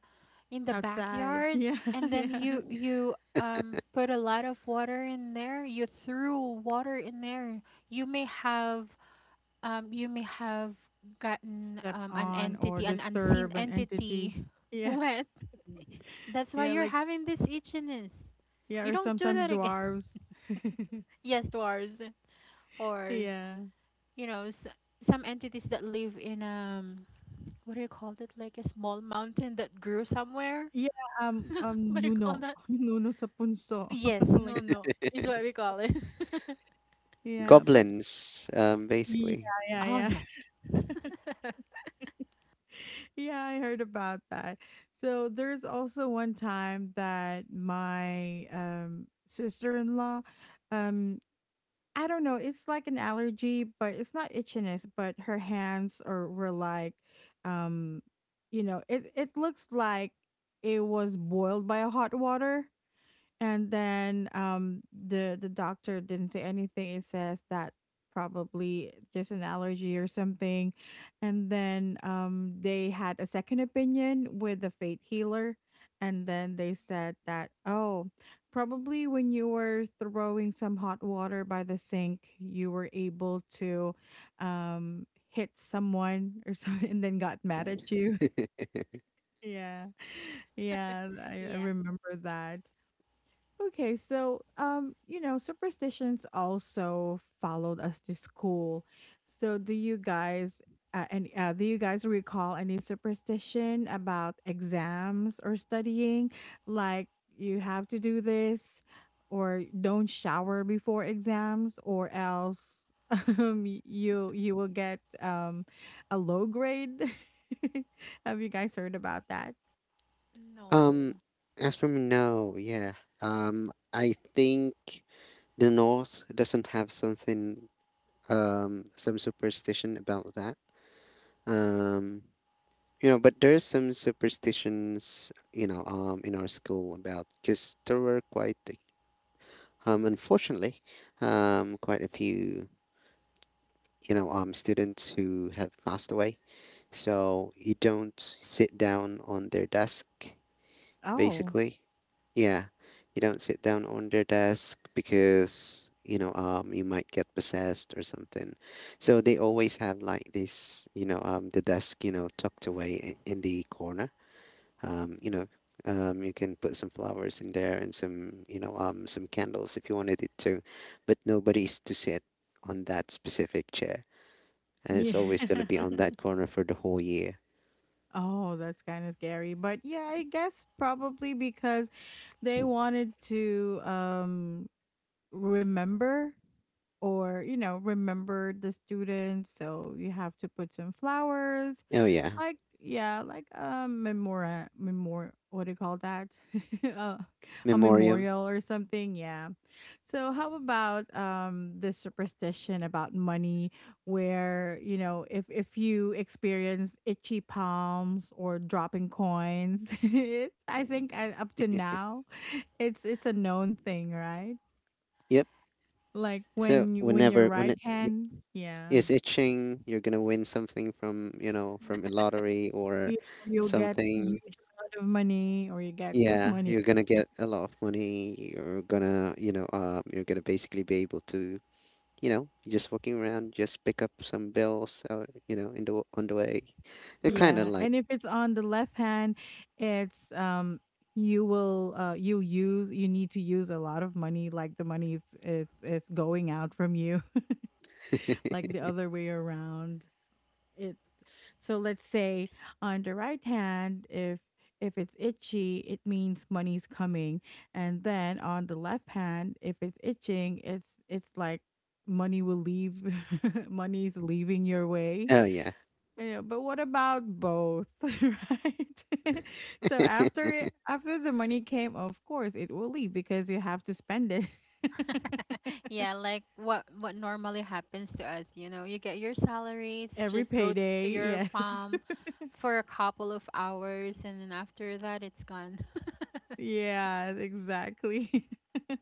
in the
outside.
backyard
Yeah,
and then
yeah,
you put a lot of water in there. You threw water in there. You may have you may have gotten
step
an
on or
entity, an unseen
disturb an
entity
entity. Yeah,
wet. That's why
yeah,
you're
like
having this itchiness.
yeah,
You
or
don't do
sometimes
that again.
dwarves.
Yes, dwarves. Or,
yeah.
you know, s- some entities that live in, what do you call that? Like a small mountain that grew somewhere?
Yeah,
What do you call
Nuno,
that?
Nuno sa punso,
Yes,
like
no,
that.
no,
That's
is what
the
we call it.
yeah, but
Goblins, basically.
yeah,
Oh,
yeah,
yeah.
yeah, I heard about that. So there's also one time that my sister-in-law um I don't know, it's like an allergy, but it's not itchiness, but her hands are were like um you know, it looks like it was boiled by a hot water and then the doctor didn't say anything. It says that probably just an allergy or something. And then they had a second opinion with the faith healer and then they said that oh probably when you were throwing some hot water by the sink you were able to hit someone or something and then got mad at you. Yeah. Yeah, I
Yeah.
remember that. Okay, so you know, superstitions also followed us to school. So, do you guys and do you guys recall any superstition about exams or studying? Like you have to do this, or don't shower before exams, or else you you will get a low grade. Have you guys heard about that?
Um,
No.
as for me, no, yeah. I think the North doesn't have something, some superstition about that. Um, You know, but there's some superstitions, you know, in our school, about because there were quite, unfortunately, quite a few, you know, students who have passed away. So you don't sit down on their desk,
Oh,
basically. Yeah, you don't sit down on their desk because, you know, you might get possessed or something. So they always have, like, this, you know, the desk, you know, tucked away, in the corner, you know, you can put some flowers in there and some, you know, some candles if you wanted it to, but nobody's to sit on that specific chair, and
yeah.
it's always going to be on that corner for the whole year.
Oh, that's kind of scary. But yeah, I guess probably because they wanted to remember or you know remember the students so you have to put some flowers
Oh yeah,
like, yeah, like a memora memor what do you call that? uh, a
memoriam.
memorial or something, yeah. So how about the superstition about money where, you know, if you experience itchy palms or dropping coins, it's I think up to now it's a known thing, right?
Yep.
Like
So
when your
whenever,
right hand, yeah.
is itching, you're gonna win something from, you know, from a lottery or
Yeah, you'll get
something.
huge amount of money or you get just
Yeah,
money.
you're gonna get a lot of money. You're gonna, you know, you're gonna basically be able to, you know, you're just walking around, just pick up some bills out, you know, in the, on the way. They're kind of
Yeah,
like,
and if it's on the left hand, it's you will you need to use a lot of money like the money is it's going out from you like the other way around. It So let's say on the right hand if it's itchy, it means money's coming. And then on the left hand, if it's itching, it's like money will leave money's leaving your way.
oh yeah,
Yeah, but what about both, right? So after the money came, of course it will leave because you have to spend it
Yeah, like what normally happens to us, you get your salaries,
every
just to
payday.
your
Yes,
farm for a couple of hours and then after that it's gone.
yeah, exactly.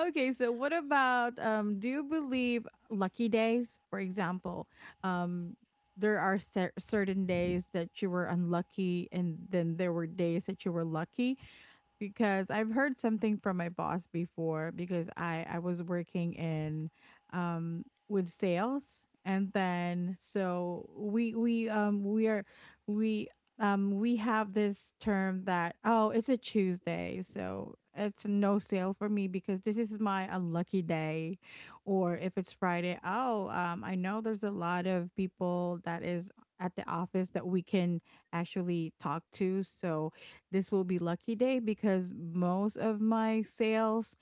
Okay, so what about um? Do you believe lucky days, for example? Um, there are certain days that you were unlucky, and then there were days that you were lucky because I've heard something from my boss before because I was working in with sales and then so we are we we have this term that oh it's a Tuesday so it's no sale for me because this is my unlucky day or if it's Friday oh I know there's a lot of people that is at the office that we can actually talk to so this will be lucky day because most of my sales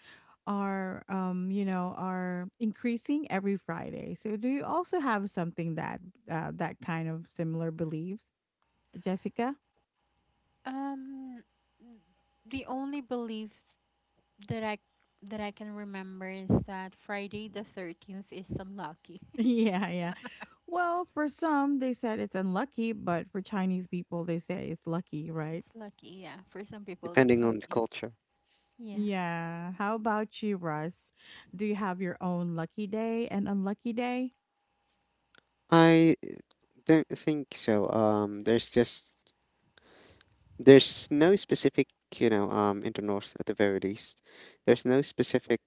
are you know are increasing every Friday. So do you also have something that that kind of similar beliefs, Jessica?
Um The only belief that I can remember is that Friday the 13th is some lucky.
Yeah, yeah, well for some they said it's unlucky but for Chinese people they say it's lucky, right?
It's lucky, yeah. For some people, it's
depending on the
lucky.
culture.
Yeah.
Yeah, how about you, Russ? Do you have your own lucky day and unlucky day?
I don't think so. There's just there's no specific, you know, in the north, at the very least, there's no specific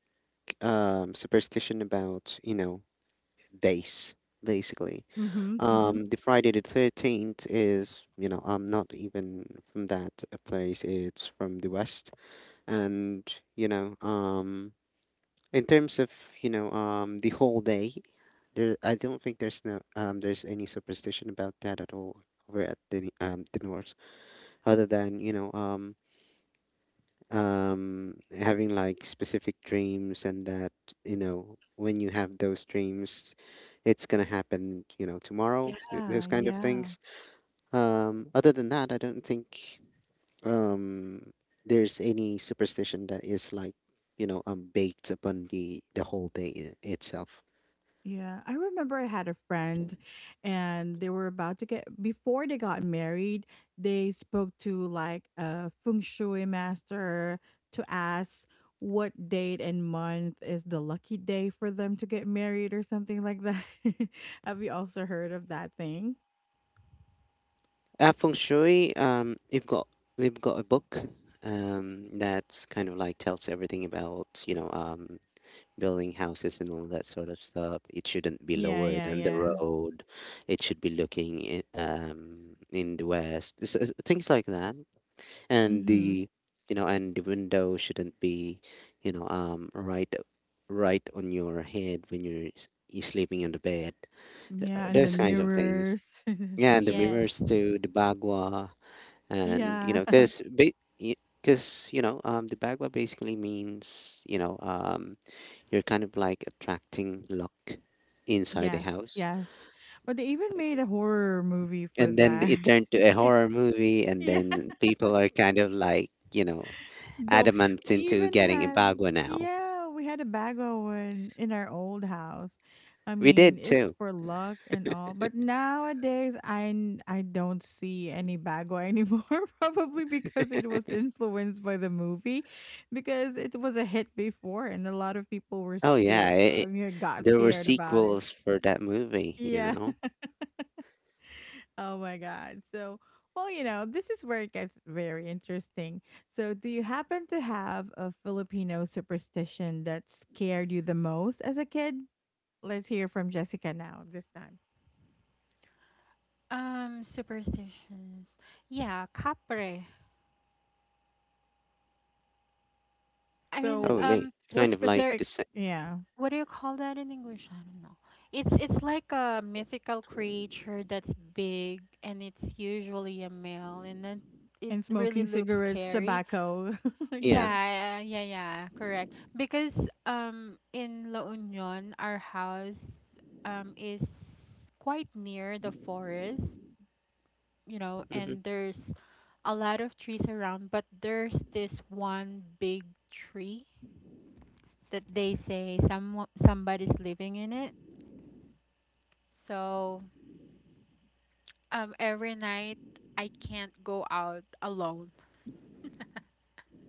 superstition about, you know, days basically.
Mm-hmm, mm-hmm.
The Friday the 13th is, you know, I'm not even from that place. It's from the west, and you know, in terms of, you know, the whole day, there, I don't think there's no there's any superstition about that at all, over at the north, other than, you know, having, like, specific dreams, and that, you know, when you have those dreams it's gonna happen, you know, tomorrow,
Ah,
those kind of
yeah.
things. Other than that, I don't think um there's any superstition that is, like, you know, baked upon the whole day itself.
Yeah, I remember I had a friend and they were about to get before they got married, they spoke to like a feng shui master to ask what date and month is the lucky day for them to get married or something like that. Have you also heard of that thing?
Feng shui, we've got, a book, that's kind of like tells everything about, you know, building houses and all that sort of stuff. It shouldn't be
Yeah,
lower
yeah,
than the
yeah.
road, it should be looking, in the west, things like that, and
Mhm.
the, you know, and the window shouldn't be, you know, right, right on your head when you're sleeping on the bed.
Yeah, and
Those
then
kinds of things,
mirrors,
yeah, and the
something like
Yes.
mirrors too, the bagua, and you know,
yeah.
because you know, the bagua basically means, you know, you're kind of like attracting luck inside the
Yes,
house,
yes. But they even made a horror movie for
and then
that.
it turned to a horror movie, and
Yeah,
then people are kind of like, you know,
though
adamant
we
into
even
getting
had
Ibagua now.
yeah, we had a bag oven in our old house. I
We
mean,
did
it's
too.
for luck and all, but nowadays I don't see any bago anymore. Probably because it was influenced by the movie, because it was a hit before, and a lot of people were
Oh yeah,
scared, yeah, got
there were
scared about it.
sequels for that movie, you
Yeah.
know.
Oh my God. So, well, you know, this is where it gets very interesting. So, do you happen to have a Filipino superstition that scared you the most as a kid? Let's hear from Jessica now, this time.
Superstitions. Yeah, capre. I mean,
So, eh,
Holy,
what
kind of like
there.
the
specific,
same.
yeah,
What do you call that in English? I don't know. It's like a mythical creature that's big, and it's usually a male, and then it
and
really
smoking
looks
cigarettes,
scary.
tobacco, like
Yeah.
Yeah, yeah, yeah, correct. Because in La Union, our house is quite near the forest, and
Hmm.
there's a lot of trees around, but there's this one big tree that they say somebody's living in it. So, every night I can't go out alone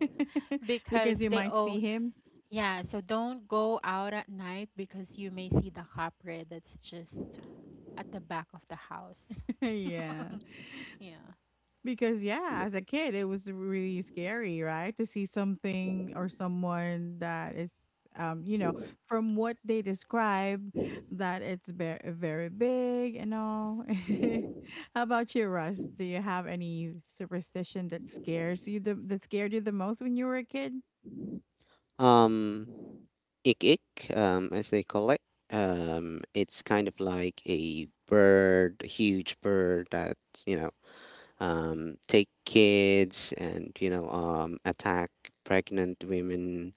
that,
because
because you
they
might see
all
him.
yeah, so don't go out at night because you may see the copper that's just at the back of the house.
yeah.
Yeah.
Because yeah, as a kid, it was really scary, right? To see something or someone that is, you know, from what they described, that it's very very big and all. How about you, Russ? Do you have any superstition that scares you the that scared you the most when you were a kid?
Um, ik ik, as they call it. It's kind of like a bird, a huge bird that, you know, take kids and, you know, attack pregnant women.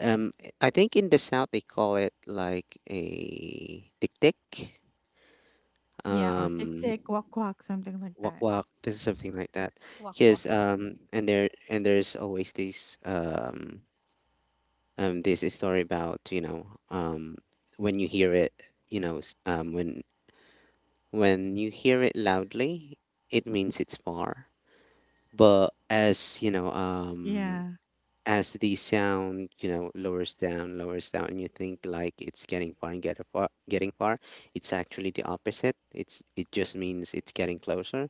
Um, I think in the south they call it like a tiktik,
Yeah, or tick
um,
tick, quack quack, something like
wak
that.
wak. This is something like that.
Walk,
Yes.
walk.
And there's always this this story about, you know, when you hear it, you know, when you hear it loudly, it means it's far. But as you know,
Yeah,
as the sound, you know, lowers down lowers down, and you think like it's getting far and getting far, getting far, it's actually the opposite, it's, it just means it's getting closer.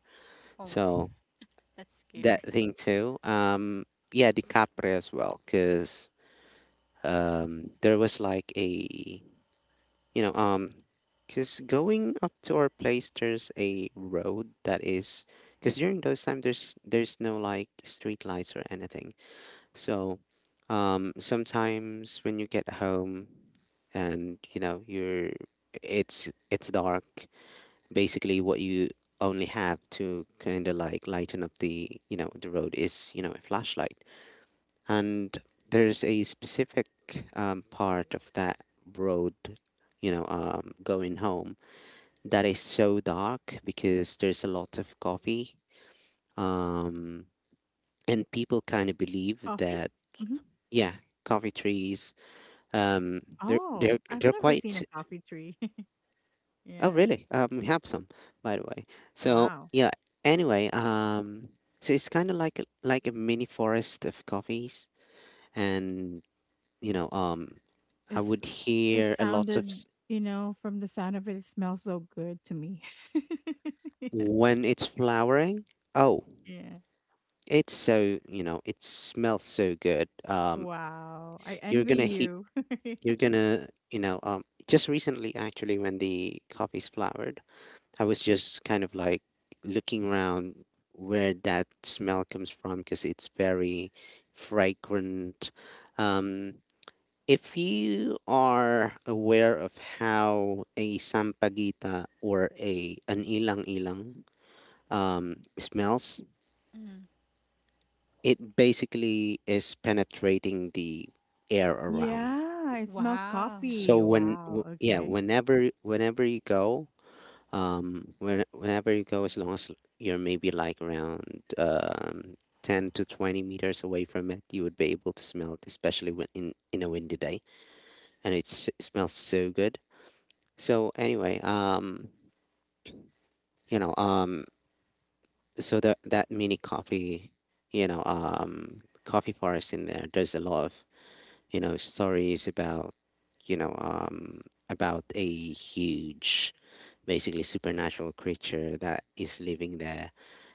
Oh, my-
So
that's scary.
that thing too, yeah, the capre as well, because there was like a, you know, because going up to our place there's a road that is, because during those time there's no like street lights or anything, so, sometimes when you get home and you know you're, it's dark, basically what you only have to kind of like lighten up the, you know, the road is, you know, a flashlight. And there's a specific part of that road, you know, going home, that is so dark because there's a lot of coffee. Um, and people kind of believe
coffee.
that.
Hmm.
Yeah, coffee trees. They're
Oh,
they're
I've
they're
never seen a
quite.
coffee tree.
Oh,
Yeah.
really? We have some, by the way. So
Wow.
yeah. Anyway, so it's kind of like a mini forest of coffees, and you know, I
It's
would
it
hear a lot of
sounded, you know, from the sound of it, it smells so good to me. Yeah.
when it's flowering. Oh,
Yeah.
it's so, you know, it smells so good.
Wow. I
You're
envy
gonna heat.
you.
You're gonna, you know, just recently actually when the coffee's flowered. I was just kind of like looking around where that smell comes from because it's very fragrant. Um, if you are aware of how a sampaguita or a an ilang-ilang, smells,
Mm.
it basically is penetrating the air around.
Yeah. It smells
Wow.
So
coffee.
when
Wow.
yeah,
Okay.
whenever you go, when, whenever you go, as long as you're maybe like around um 10 to 20 meters away from it, you would be able to smell it, especially when in a windy day, and it's, it smells so good. So anyway, you know, so that that mini coffee, you know, coffee forest in there, there's a lot of, you know, stories about, you know, about a huge basically supernatural creature that is living there,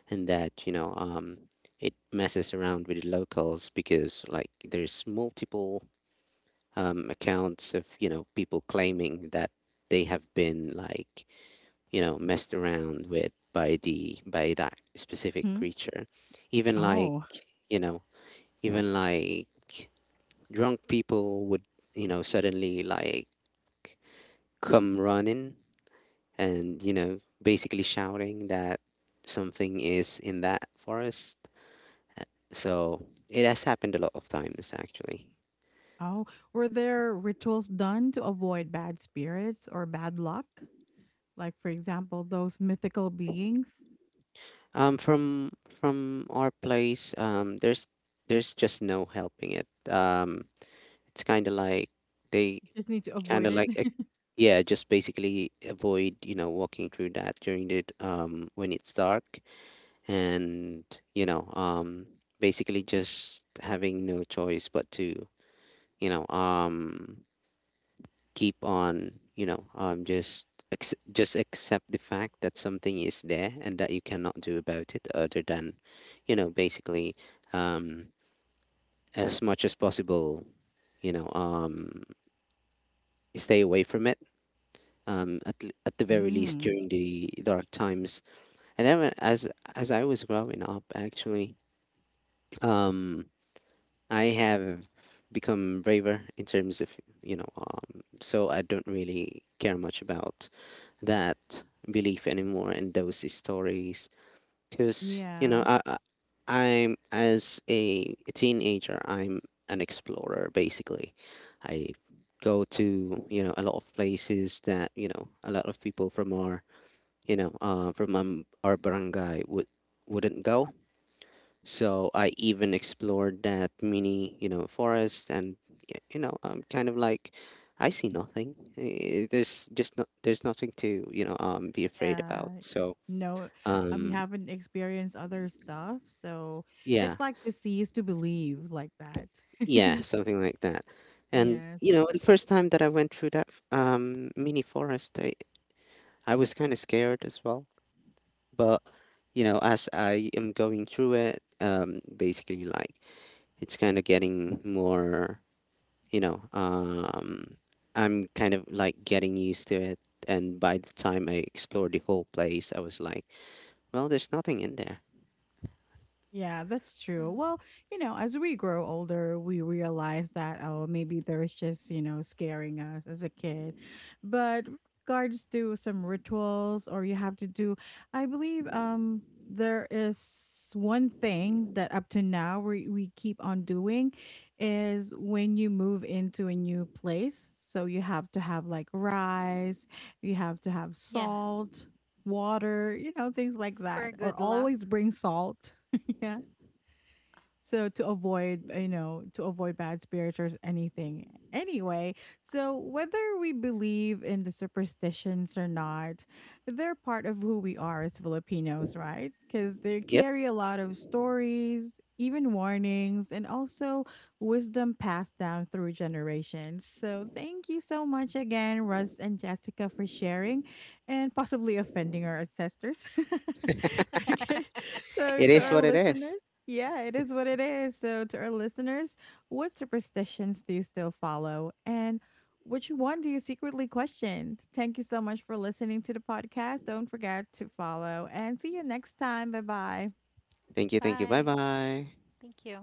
and that, you know, it messes around with the locals, because like there's multiple accounts of, you know, people claiming that they have been like, you know, messed around with by that specific
Hmm.
creature, even like,
Oh.
you know, even like drunk people would, you know, suddenly like come running and, you know, basically shouting that something is in that forest. So it has happened a lot of times actually.
Oh. Were there rituals done to avoid bad spirits or bad luck? Like, for example, those mythical beings?
From our place, there's just no helping it, it's kind of like they
You just need to
kind
avoid
of
it.
like yeah, just basically avoid, you know, walking through that during the when it's dark, and you know, basically just having no choice but to, you know, keep on, you know, just just accept the fact that something is there and that you cannot do about it, other than, you know, basically, um as much as possible, you know, stay away from it, at, at the very least
Hmm.
during the dark times. And then when- as I was growing up actually, um I have become braver in terms of, you know, so I don't really care much about that belief anymore in those stories, because you know,
Yeah.
I'm, as a teenager, I'm an explorer basically. I go to, you know, a lot of places that you know a lot of people from our, you know, from our barangay wouldn't go. So I even explored that mini, you know, forest, and you know, I'm kind of like, I see nothing. Eh, there's just no, there's nothing to, you know, be afraid about.
Yeah.
So
No, you
um
haven't experienced other stuff, so it's
yeah,
like to see is to believe, like that.
yeah, something like that. And
Yes.
you know, the first time that I went through that mini forest, I was kind of scared as well. But you know, as I am going through it, basically like it's kind of getting more, you know, I'm kind of like getting used to it. And by the time I explored the whole place, I was like, well, there's nothing in there.
Yeah, that's true.
Mm.
Well, you know, as we grow older, we realize that oh, maybe there's just, you know, scaring us as a kid. But with regards to some rituals or you have to do I believe there is one thing that up to now we keep on doing is when you move into a new place, so you have to have like rice, you have to have
Yeah.
salt, water, you know, things like
For
that.
good
Or
luck.
always bring salt. Yeah, so to avoid, you know, to avoid bad spirits or anything. Anyway, so whether we believe in the superstitions or not, they're part of who we are as Filipinos, right? Because they
Yep,
carry a lot of stories, even warnings, and also wisdom passed down through generations. So thank you so much again, Russ and Jessica, for sharing and possibly offending our ancestors. Okay. So
it
to
Yeah.
is
our
what it is.
listeners, yeah, it is what it is. So, to our listeners, what superstitions do you still follow? And which one do you secretly question? Thank you so much for listening to the podcast. Don't forget to follow and see you next time. Bye bye.
Thank you, bye
Bye.
bye.
Thank you.